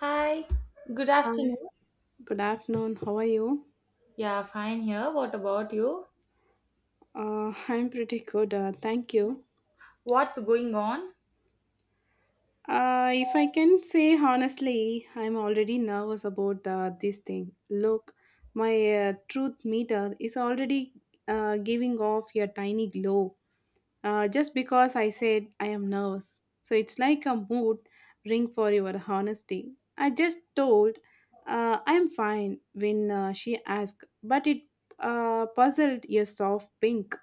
Hi, good Hi, afternoon. good afternoon. How are you? Yeah, fine here. What about you? I'm pretty good. Thank you. What's going on? If I can say honestly, I'm already nervous about this thing. Look, my truth meter is already giving off a tiny glow just because I said I am nervous. So it's like a mood ring for your honesty. I just told I'm fine when she asked, but it puzzled your soft pink.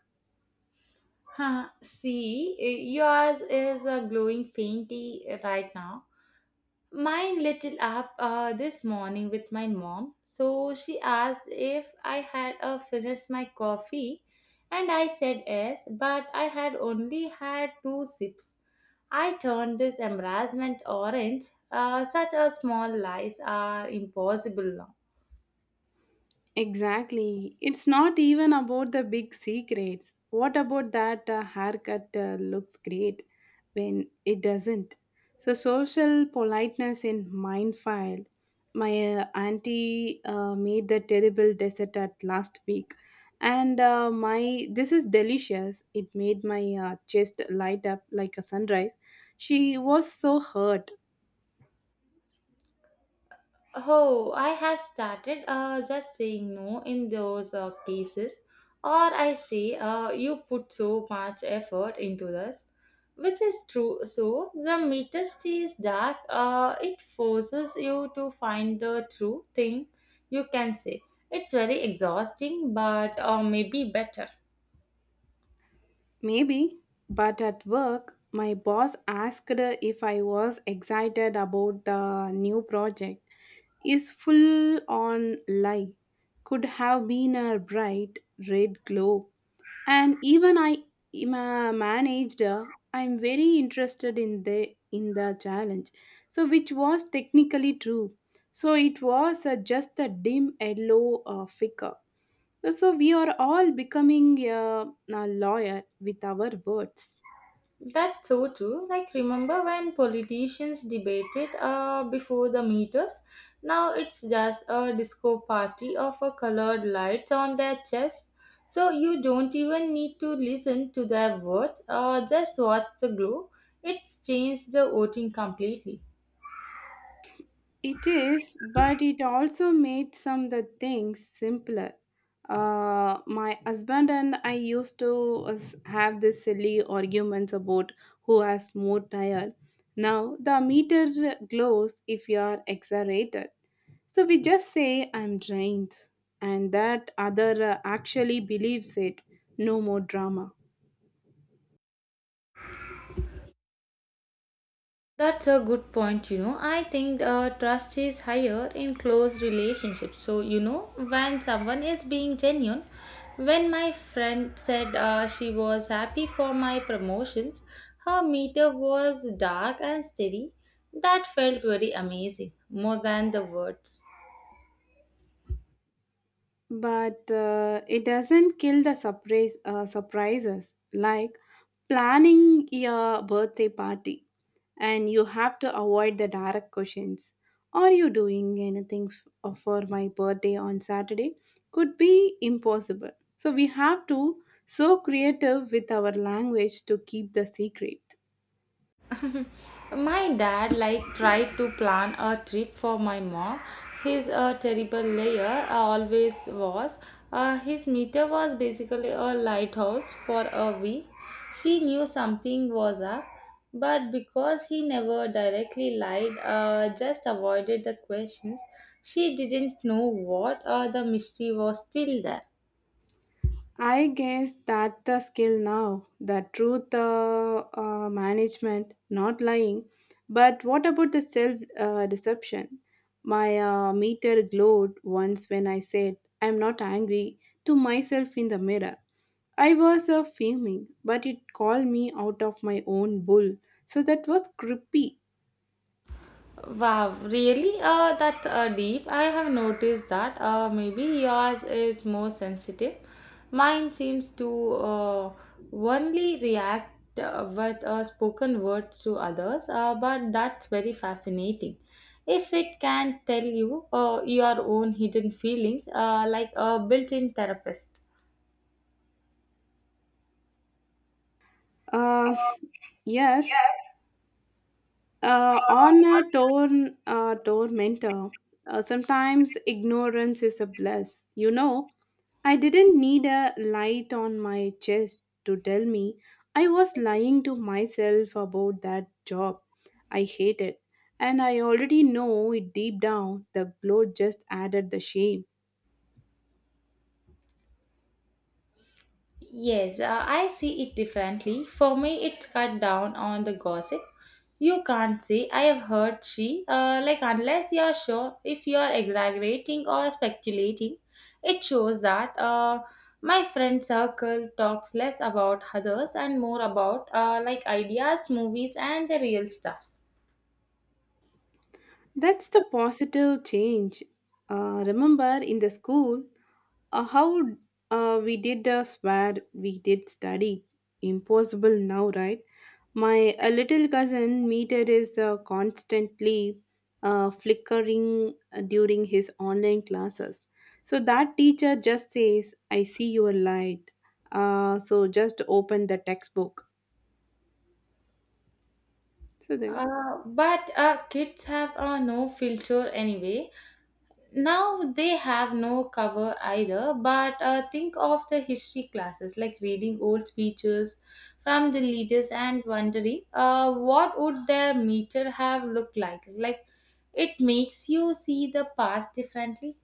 Huh? See, yours is a glowing fainty right now. Mine lit it up this morning with my mom. So she asked if I had finished my coffee, and I said yes, but I had only had two sips. I turned this embarrassment orange. Such a small lies are impossible now. Exactly. It's not even about the big secrets. What about that haircut looks great when it doesn't? So, social politeness in Mindfield. My auntie made the terrible dessert at last week, and my this is delicious. It made my chest light up like a sunrise. She was so hurt. Oh, I have started just saying no in those cases, or I say you put so much effort into this, which is true. So the meter stays dark. It forces you to find the true thing you can say. It's very exhausting, but maybe better. Maybe, but at work, my boss asked if I was excited about the new project. Is full on lie. Could have been a bright red glow. And even I am a manager. I'm very interested in the challenge. So which was technically true. So it was just a dim yellow flicker. So we are all becoming a lawyer with our words. That's so true. Like, remember when politicians debated before the meters? Now it's just a disco party of colored lights on their chest. So you don't even need to listen to their words, just watch the glow. It's changed the voting completely. It is, but it also made some the things simpler. My husband and I have this silly arguments about who has more tire. Now the meter glows if you are exaggerated. So we just say I'm drained, and that other actually believes it. No more drama. That's a good point, you know. I think trust is higher in close relationships. So, you know, when someone is being genuine, when my friend said she was happy for my promotions, her meter was dark and steady. That felt very amazing, more than the words. But it doesn't kill the surprises like planning your birthday party, and you have to avoid the direct questions. Are you doing anything for my birthday on Saturday? Could be impossible, so we have to so creative with our language to keep the secret. My dad like tried to plan a trip for my mom. He's a terrible liar, always was. His meter was basically a lighthouse for a week. She knew something was up, but because he never directly lied, just avoided the questions, she didn't know what the mystery was still there. I guess that the skill now, the truth, management, not lying. But what about the self deception? My meter glowed once when I said, I'm not angry to myself in the mirror. I was fuming, but it called me out of my own bull. So that was creepy. Wow, really? That deep. I have noticed that. Maybe yours is more sensitive. Mine seems to only react with spoken words to others, but that's very fascinating. If it can tell you your own hidden feelings, like a built in therapist. Uh, yes, on a torn torment, sometimes ignorance is a bliss, you know. I didn't need a light on my chest to tell me I was lying to myself about that job. I hate it, and I already know it deep down. The glow just added the shame. Yes, I see it differently. For me, it's cut down on the gossip. You can't say, I have heard she, like, unless you're sure if you're exaggerating or speculating. It shows that my friend circle talks less about others and more about, like, ideas, movies, and the real stuffs. That's the positive change. Remember in the school, how we did, swear, we did study. Impossible now, right? My little cousin meter is constantly flickering during his online classes. So that teacher just says, I see your light. So just open the textbook. So then. But kids have no filter anyway. Now they have no cover either but think of the history classes, like reading old speeches from the leaders and wondering what would their meter have looked like. It makes you see the past differently.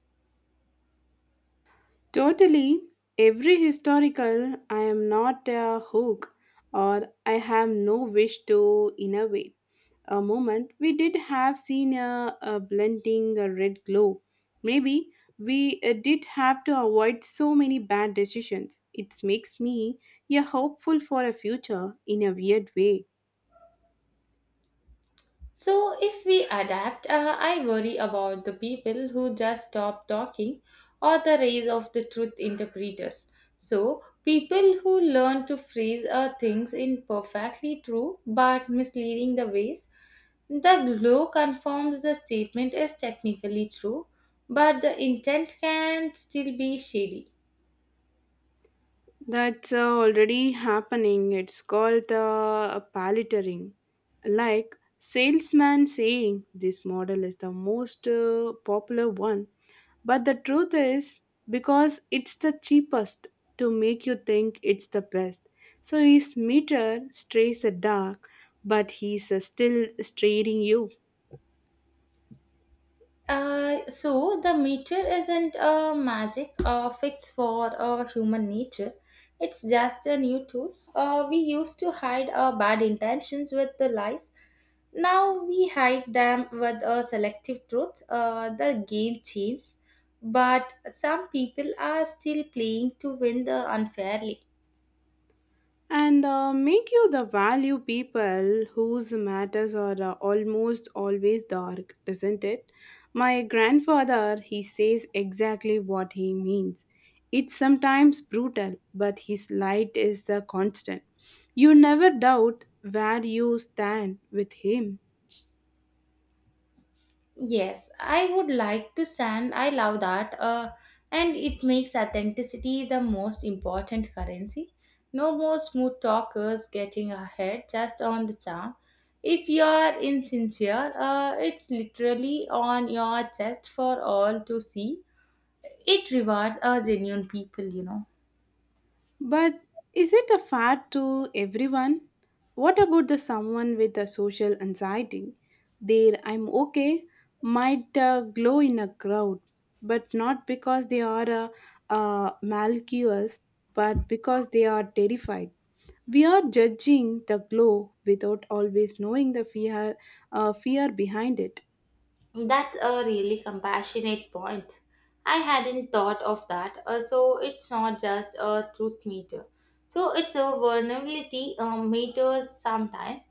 Totally, every historical, I am not a hook or I have no wish to innovate. A moment we did have seen a blending a red glow. Maybe we did have to avoid so many bad decisions. It makes me a hopeful for a future in a weird way. So, if we adapt, I worry about the people who just stop talking or the rise of the truth interpreters. So, people who learn to phrase things in perfectly true but misleading the ways. The law confirms the statement is technically true, but the intent can still be shady. That's already happening. It's called palletering. Like salesman saying this model is the most popular one, but the truth is because it's the cheapest to make you think it's the best. So his meter strays a dark, but he's still straying you. So the meter isn't a magic fix for human nature. It's just a new tool. We used to hide our bad intentions with the lies. Now we hide them with a selective truth. The game changed, but some people are still playing to win the unfairly. And make you the value people whose matters are almost always dark, isn't it? My grandfather, he says exactly what he means. It's sometimes brutal, but his light is constant. You never doubt where you stand with him. Yes, I would like to send. I love that. And it makes authenticity the most important currency. No more smooth talkers getting ahead just on the charm. If you are insincere, it's literally on your chest for all to see. It rewards our genuine people, you know. But is it a fair to everyone? What about the someone with a social anxiety? There, I'm okay, might glow in a crowd, but not because they are, malicious, but because they are terrified. We are judging the glow without always knowing the fear behind it. That's a really compassionate point. I hadn't thought of that. So it's not just a truth meter. So it's a vulnerability meter sometimes.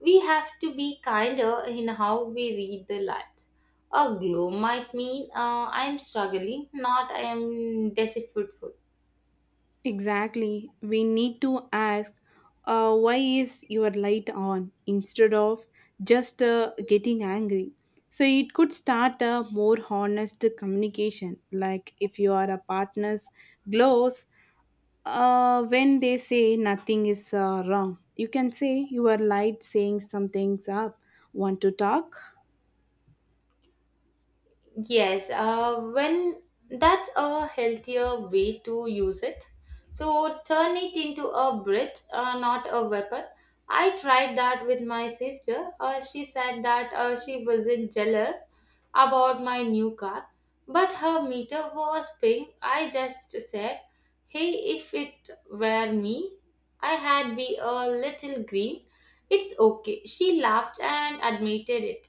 We have to be kinder in how we read the light. A glow might mean I'm struggling, not I'm deceitful. Exactly. We need to ask, why is your light on instead of just getting angry? So it could start a more honest communication. Like if you are a partner's glows, when they say nothing is wrong, you can say your light saying something's up. Want to talk? Yes, when that's a healthier way to use it. So turn it into a bridge, not a weapon. I tried that with my sister. She said that she wasn't jealous about my new car, but her meter was pink. I just said, "Hey, if it were me, I had be a little green. It's okay." She laughed and admitted it.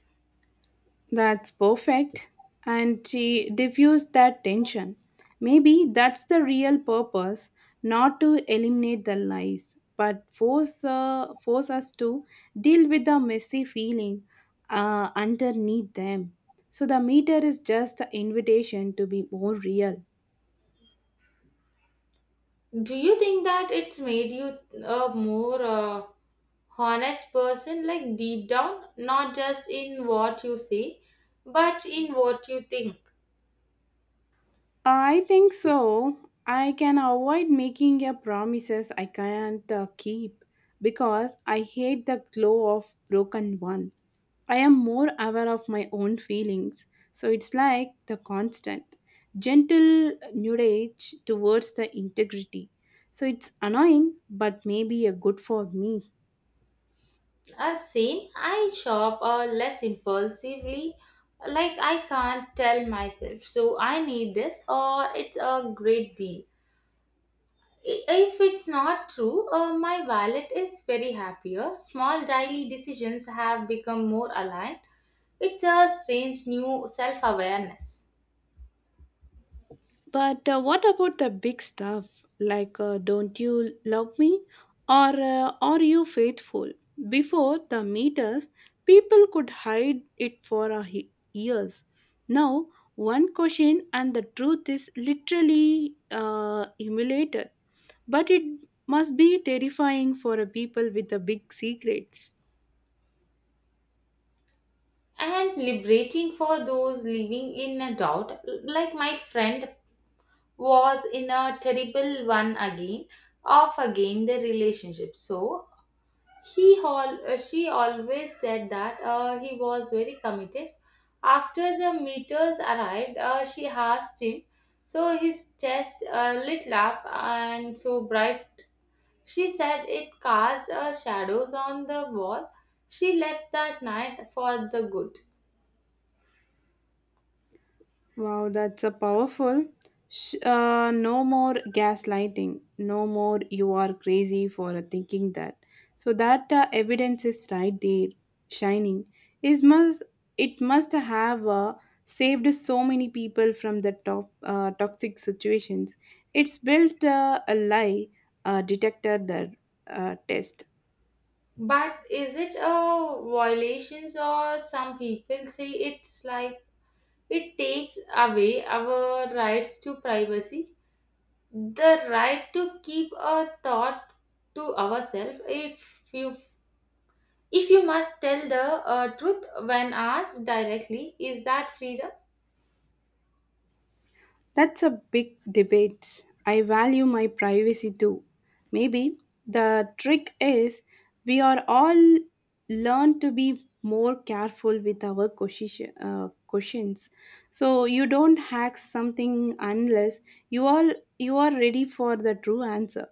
That's perfect. And she diffused that tension. Maybe that's the real purpose, not to eliminate the lies, but force, force us to deal with the messy feeling underneath them. So the meter is just an invitation to be more real. Do you think that it's made you a more honest person, like deep down, not just in what you say, but in what you think? I think so. I can avoid making a promises I can't keep because I hate the glow of broken one. I am more aware of my own feelings. So it's like the constant, gentle nudge towards the integrity. So it's annoying, but maybe a good for me. Same, I shop less impulsively, like I can't tell myself, so I need this, or it's a great deal. If it's not true, my wallet is very happier. Small daily decisions have become more aligned. It's a strange new self awareness. But what about the big stuff like don't you love me or are you faithful? Before the meters, people could hide it for years. Now, one question and the truth is literally emulated. But it must be terrifying for a people with a big secrets. And liberating for those living in a doubt, like my friend was in a terrible one again of again the relationship. So he all she always said that he was very committed. After the meters arrived, she asked him, so his chest lit up and so bright, she said it cast shadows on the wall. She left that night for the good. Wow, that's a powerful. No more gaslighting. No more you are crazy for thinking that. So that evidence is right there, shining. Is must it must have saved so many people from the top toxic situations. It's built a lie detector the test. But is it a violation, or some people say it's like it takes away our rights to privacy? The right to keep a thought to ourselves, if you must tell the truth when asked directly, is that freedom? That's a big debate. I value my privacy too. Maybe the trick is we are all learn to be more careful with our questions. So you don't hack something unless you all you are ready for the true answer,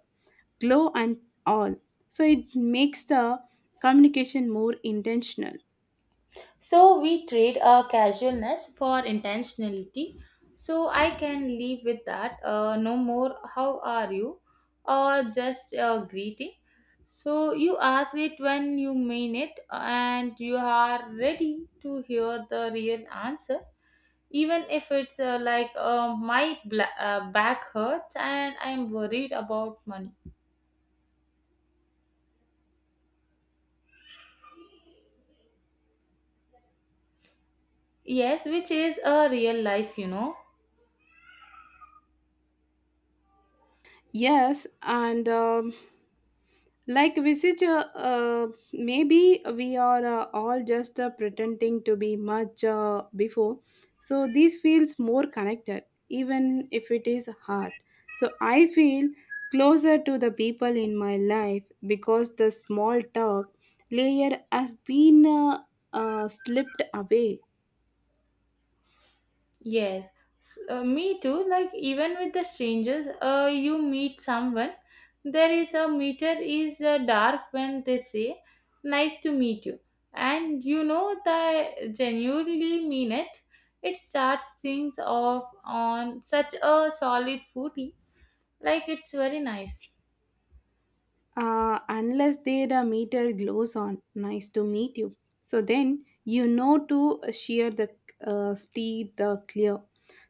glow and all. So it makes the communication more intentional. So we trade a casualness for intentionality. So I can leave with that. No more. How are you? Or just a greeting. So you ask it when you mean it, and you are ready to hear the real answer, even if it's like back hurts and I'm worried about money. Yes, which is a real life, you know. Yes, and. Like visage, maybe we are all just pretending to be much before, so this feels more connected even if it is hard. So I feel closer to the people in my life because the small talk layer has been, slipped away. Yes, me too. Like even with the strangers, you meet someone, there is a meter is dark when they say, "Nice to meet you," and you know they genuinely mean it. It starts things off on such a solid footy. Like it's very nice. Unless they the meter glows on nice to meet you. So then you know to shear the steer the clear.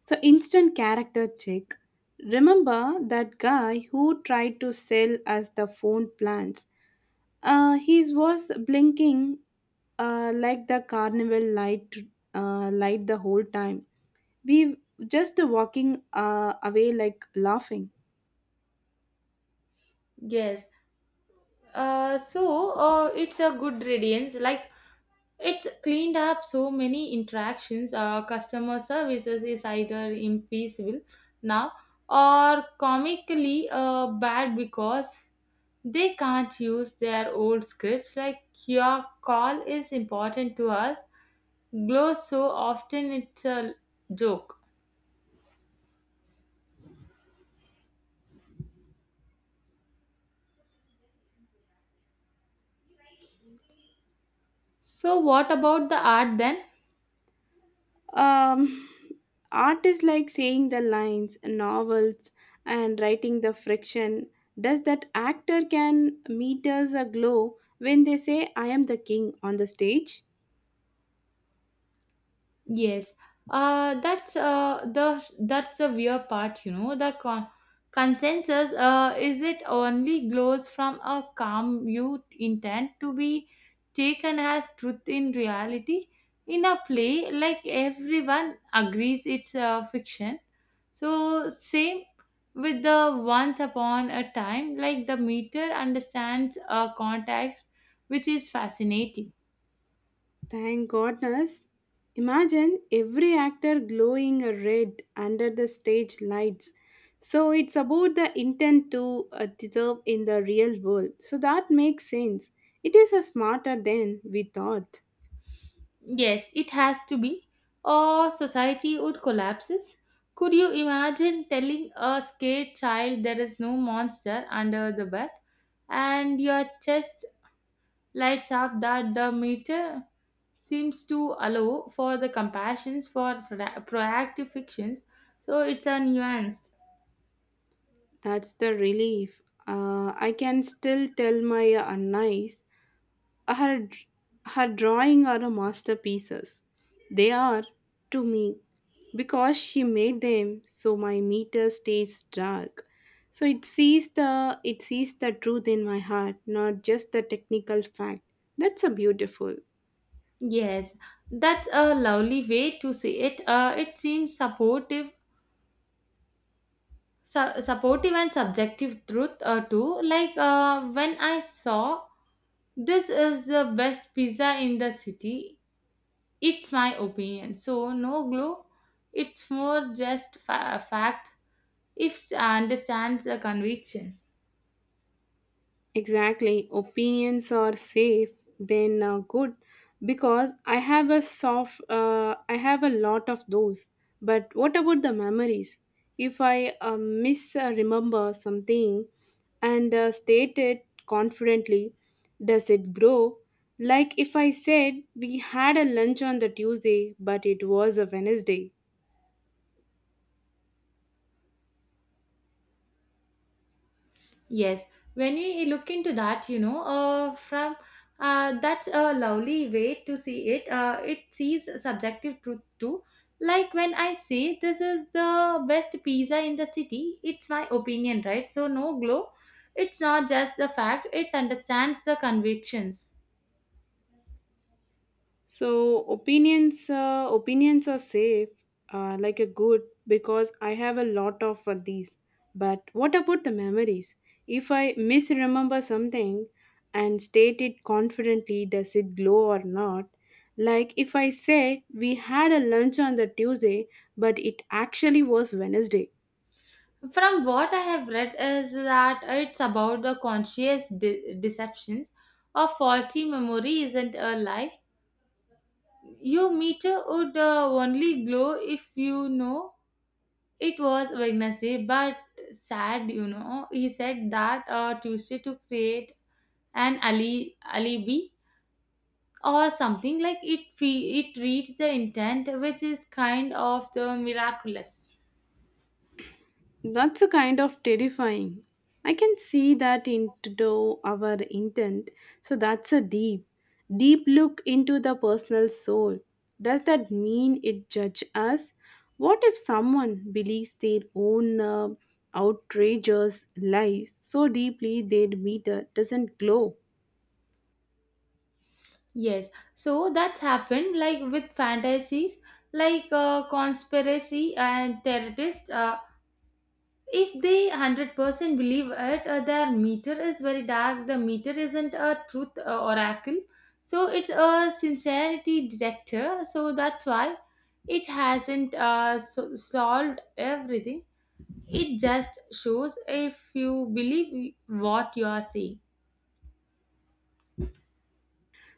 So instant character check. Remember that guy who tried to sell us the phone plans? He was blinking like the carnival light the whole time. We just walking away like laughing. Yes. So it's a good radiance. Like it's cleaned up so many interactions. Customer services is either impeccable now or comically bad because they can't use their old scripts. Like your call is important to us. Glows so often it's a joke. So what about the art then? Um, Artists like saying the lines, novels, and writing the friction. Does that actor can meet us aglow when they say I am the king on the stage? Yes, that's the weird part, you know. The consensus is it only glows from a calm you intend to be taken as truth in reality. In a play, like everyone agrees it's a fiction. So same with the once upon a time, like the meter understands a context, which is fascinating. Thank goodness. Imagine every actor glowing red under the stage lights. So it's about the intent to deserve in the real world. So that makes sense. It is a smarter than we thought. Yes, it has to be, or society would collapses. Could you imagine telling a scared child there is no monster under the bed, and your chest lights up? That the meter seems to allow for the compassions for proactive fictions? So it's a nuanced. That's the relief. I can still tell my nice her her drawing are a masterpieces. They are to me because she made them. So my meter stays dark. So it sees the truth in my heart, not just the technical fact. That's a beautiful. Yes, that's a lovely way to say it. It seems supportive, supportive and subjective truth too. Like when I saw this is the best pizza in the city. It's my opinion. So, no glue. It's more just fact if understands the convictions. Exactly. Opinions are safe, then good, because I have a soft, I have a lot of those. But what about the memories? If I miss remember something and state it confidently, does it grow? Like if I said we had a lunch on the Tuesday, but it was a Wednesday. Yes, when we look into that, you know, from that's a lovely way to see it. It sees subjective truth too. Like when I say this is the best pizza in the city, it's my opinion, right? So no glow. It's not just the fact; it understands the convictions. So opinions are safe, like a good, because I have a lot of these. But what about the memories? If I misremember something and state it confidently, does it glow or not? Like if I said we had a lunch on the Tuesday, but it actually was Wednesday. From what I have read is that it's about the conscious deceptions, or faulty memory isn't a lie. Your meter would only glow if you know it was Wednesday, but sad, you know. He said that Tuesday to create an alibi or something like it. It reads the intent, which is kind of the miraculous. That's a kind of terrifying. I can see that into our intent. So that's a deep, deep look into the personal soul. Does that mean it judge us? What if someone believes their own outrageous lies so deeply their meter doesn't glow? Yes, so that's happened like with fantasies, like conspiracy and terrorists. If they 100% believe it, their meter is very dark. The meter isn't a truth oracle, so it's a sincerity detector. So that's why it hasn't solved everything. It just shows if you believe what you are saying.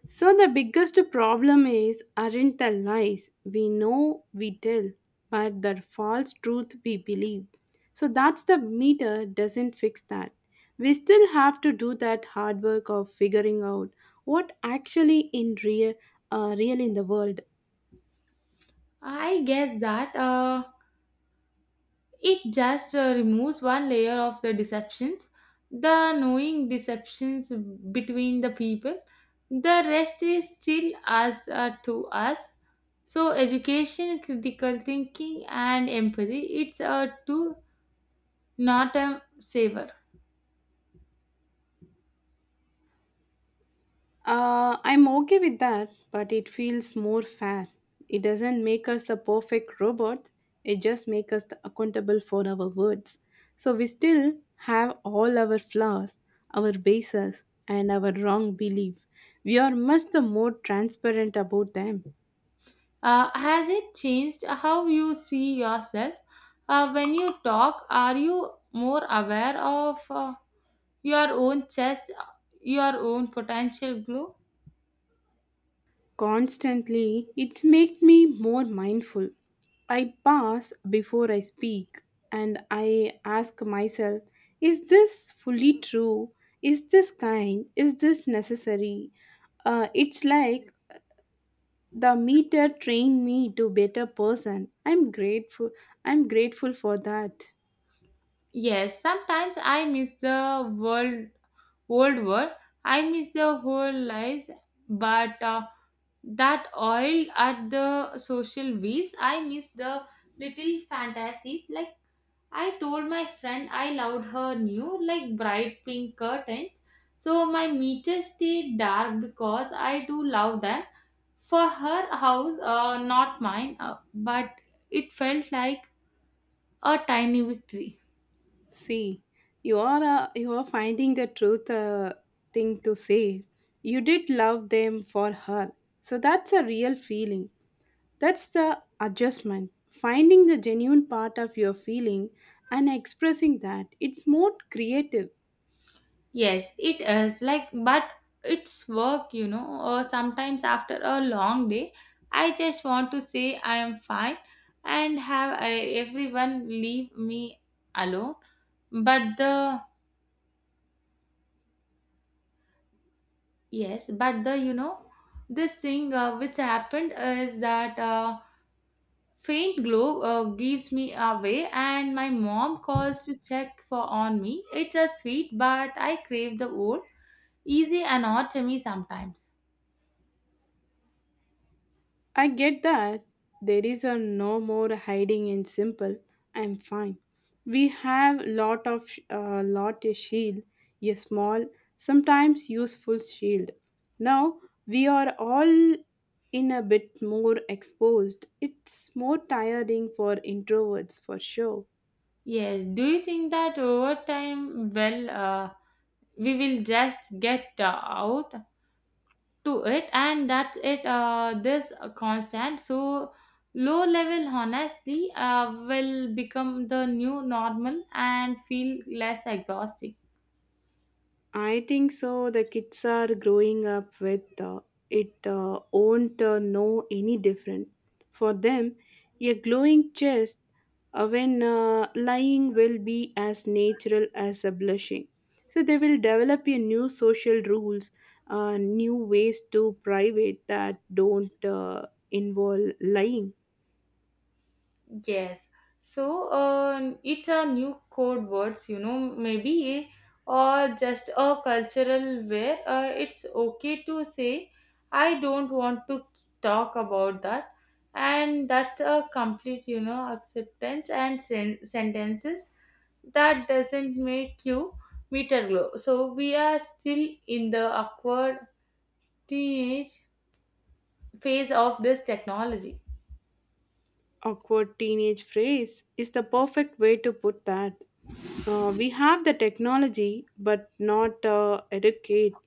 So, the biggest problem is aren't the lies we know we tell, but the false truth we believe. So, that's the meter doesn't fix that. We still have to do that hard work of figuring out what actually in real, real in the world. I guess that. It just removes one layer of the deceptions, the knowing deceptions between the people. The rest is still us to us. So education, critical thinking, and empathy. It's a two, not a saver. I'm okay with that, but it feels more fair. It doesn't make us a perfect robot, it just makes us accountable for our words. So we still have all our flaws, our bases, and our wrong belief. We are much the more transparent about them. Has it changed how you see yourself? When you talk, are you more aware of your own chest, your own potential glow? Constantly, it makes me more mindful. I pause before I speak and I ask myself, is this fully true? Is this kind? Is this necessary? It's like the meter trained me to better person. I'm grateful for that. Yes, sometimes I miss the world old world. I miss the whole lives, but that oil at the social wheels. I miss the little fantasies. Like I told my friend, I loved her new like bright pink curtains. So my meters stay dark because I do love them. For her house, not mine, but it felt like a tiny victory. See, you are finding the truth thing to say. You did love them for her. So that's a real feeling. That's the adjustment. Finding the genuine part of your feeling and expressing that. It's more creative. Yes, it is like, but it's work, you know, or sometimes after a long day, I just want to say I am fine and everyone leave me alone. But the, yes, you know, this thing which happened is that faint glow gives me away and my mom calls to check for on me. It's a sweet, but I crave the old, easy and odd to me sometimes. I get that there is a no more hiding in simple. I'm fine. We have lot a shield, a small, sometimes useful shield. Now we are all in a bit more exposed. It's more tiring for introverts for sure. Yes, do you think that over time, well, we will just get out to it and that's it, this constant. So, low level honesty will become the new normal and feel less exhausting. I think so. The kids are growing up with it, won't know any different. For them, a glowing chest when lying will be as natural as a blushing. So they will develop a new social rules, new ways to private that don't involve lying. Yes. So it's a new code words, you know, maybe or just a cultural where it's okay to say I don't want to talk about that, and that's a complete, you know, acceptance and sentences that doesn't make you meter glow. So we are still in the awkward teenage phase of this technology. Awkward teenage phrase is the perfect way to put that. We have the technology, but not educate.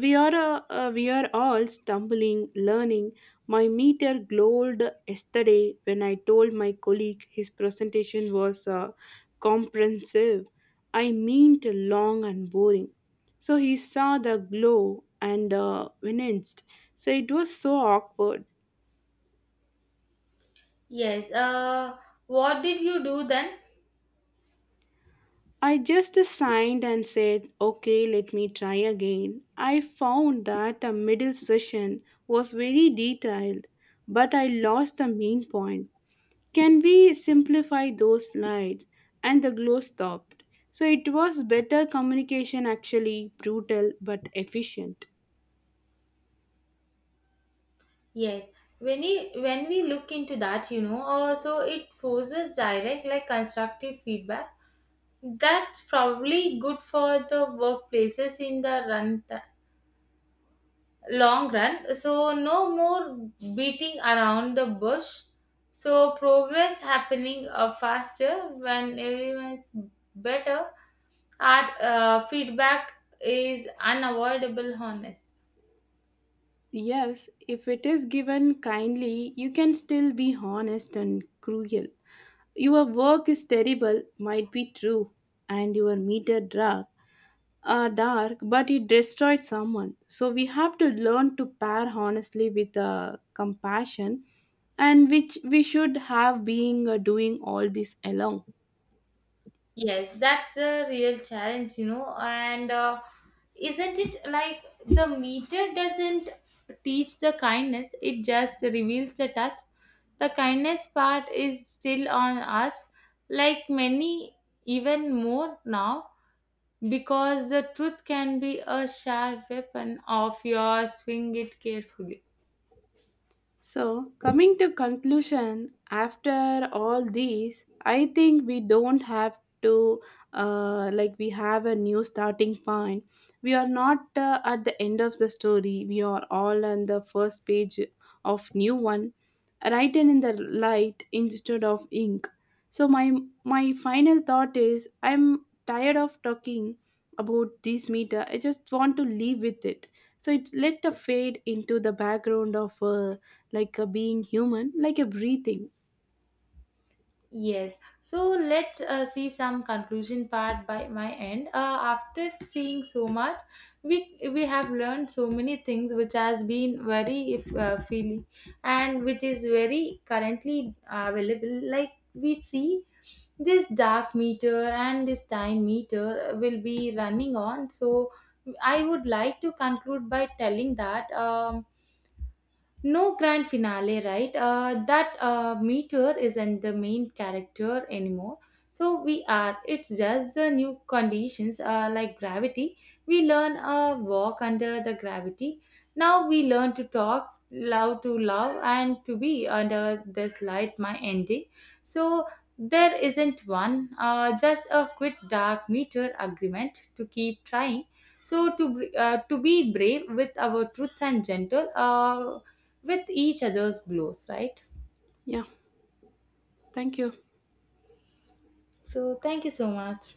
We are all stumbling, learning. My meter glowed yesterday when I told my colleague his presentation was comprehensive. I meant long and boring. So he saw the glow and winced. So it was so awkward. Yes. What did you do then? I just signed and said, okay, let me try again. I found that the middle session was very detailed, but I lost the main point. Can we simplify those slides? And the glow stopped. So it was better communication, actually brutal but efficient. Yes, when we look into that, you know, so it forces direct like constructive feedback. That's probably good for the workplaces in the run long run. So no more beating around the bush. So progress happening faster when everyone's better. Our feedback is unavoidable, honest. Yes, if it is given kindly, you can still be honest and cruel. Your work is terrible, might be true, and your meter drug dark, but it destroyed someone. So we have to learn to pair honestly with compassion, and which we should have being doing all this alone. Yes, that's the real challenge, you know. And isn't it like the meter doesn't teach the kindness, it just reveals the touch. The kindness part is still on us, like many, even more now, because the truth can be a sharp weapon of yours, swing it carefully. So, coming to conclusion, after all these, I think we don't have to like we have a new starting point. We are not at the end of the story. We are all on the first page of new one, written in the light instead of ink. So my final thought is I'm tired of talking about this meter. I just want to leave with it. So it let the fade into the background of. Like a being human, like a breathing. Yes, so let's see some conclusion part by my end. After seeing so much, we have learned so many things which has been very if feely and which is very currently available. Like we see this dark meter and this time meter will be running on. So I would like to conclude by telling that. No grand finale, right? That meteor isn't the main character anymore. So we are. It's just the new conditions like gravity. We learn walk under the gravity. Now we learn to talk, love to love, and to be under this light, my ending. So there isn't one, just a quit dark meteor agreement to keep trying. So to to be brave with our truth and gentle. With each other's glows, right? Yeah, thank you. So, thank you so much.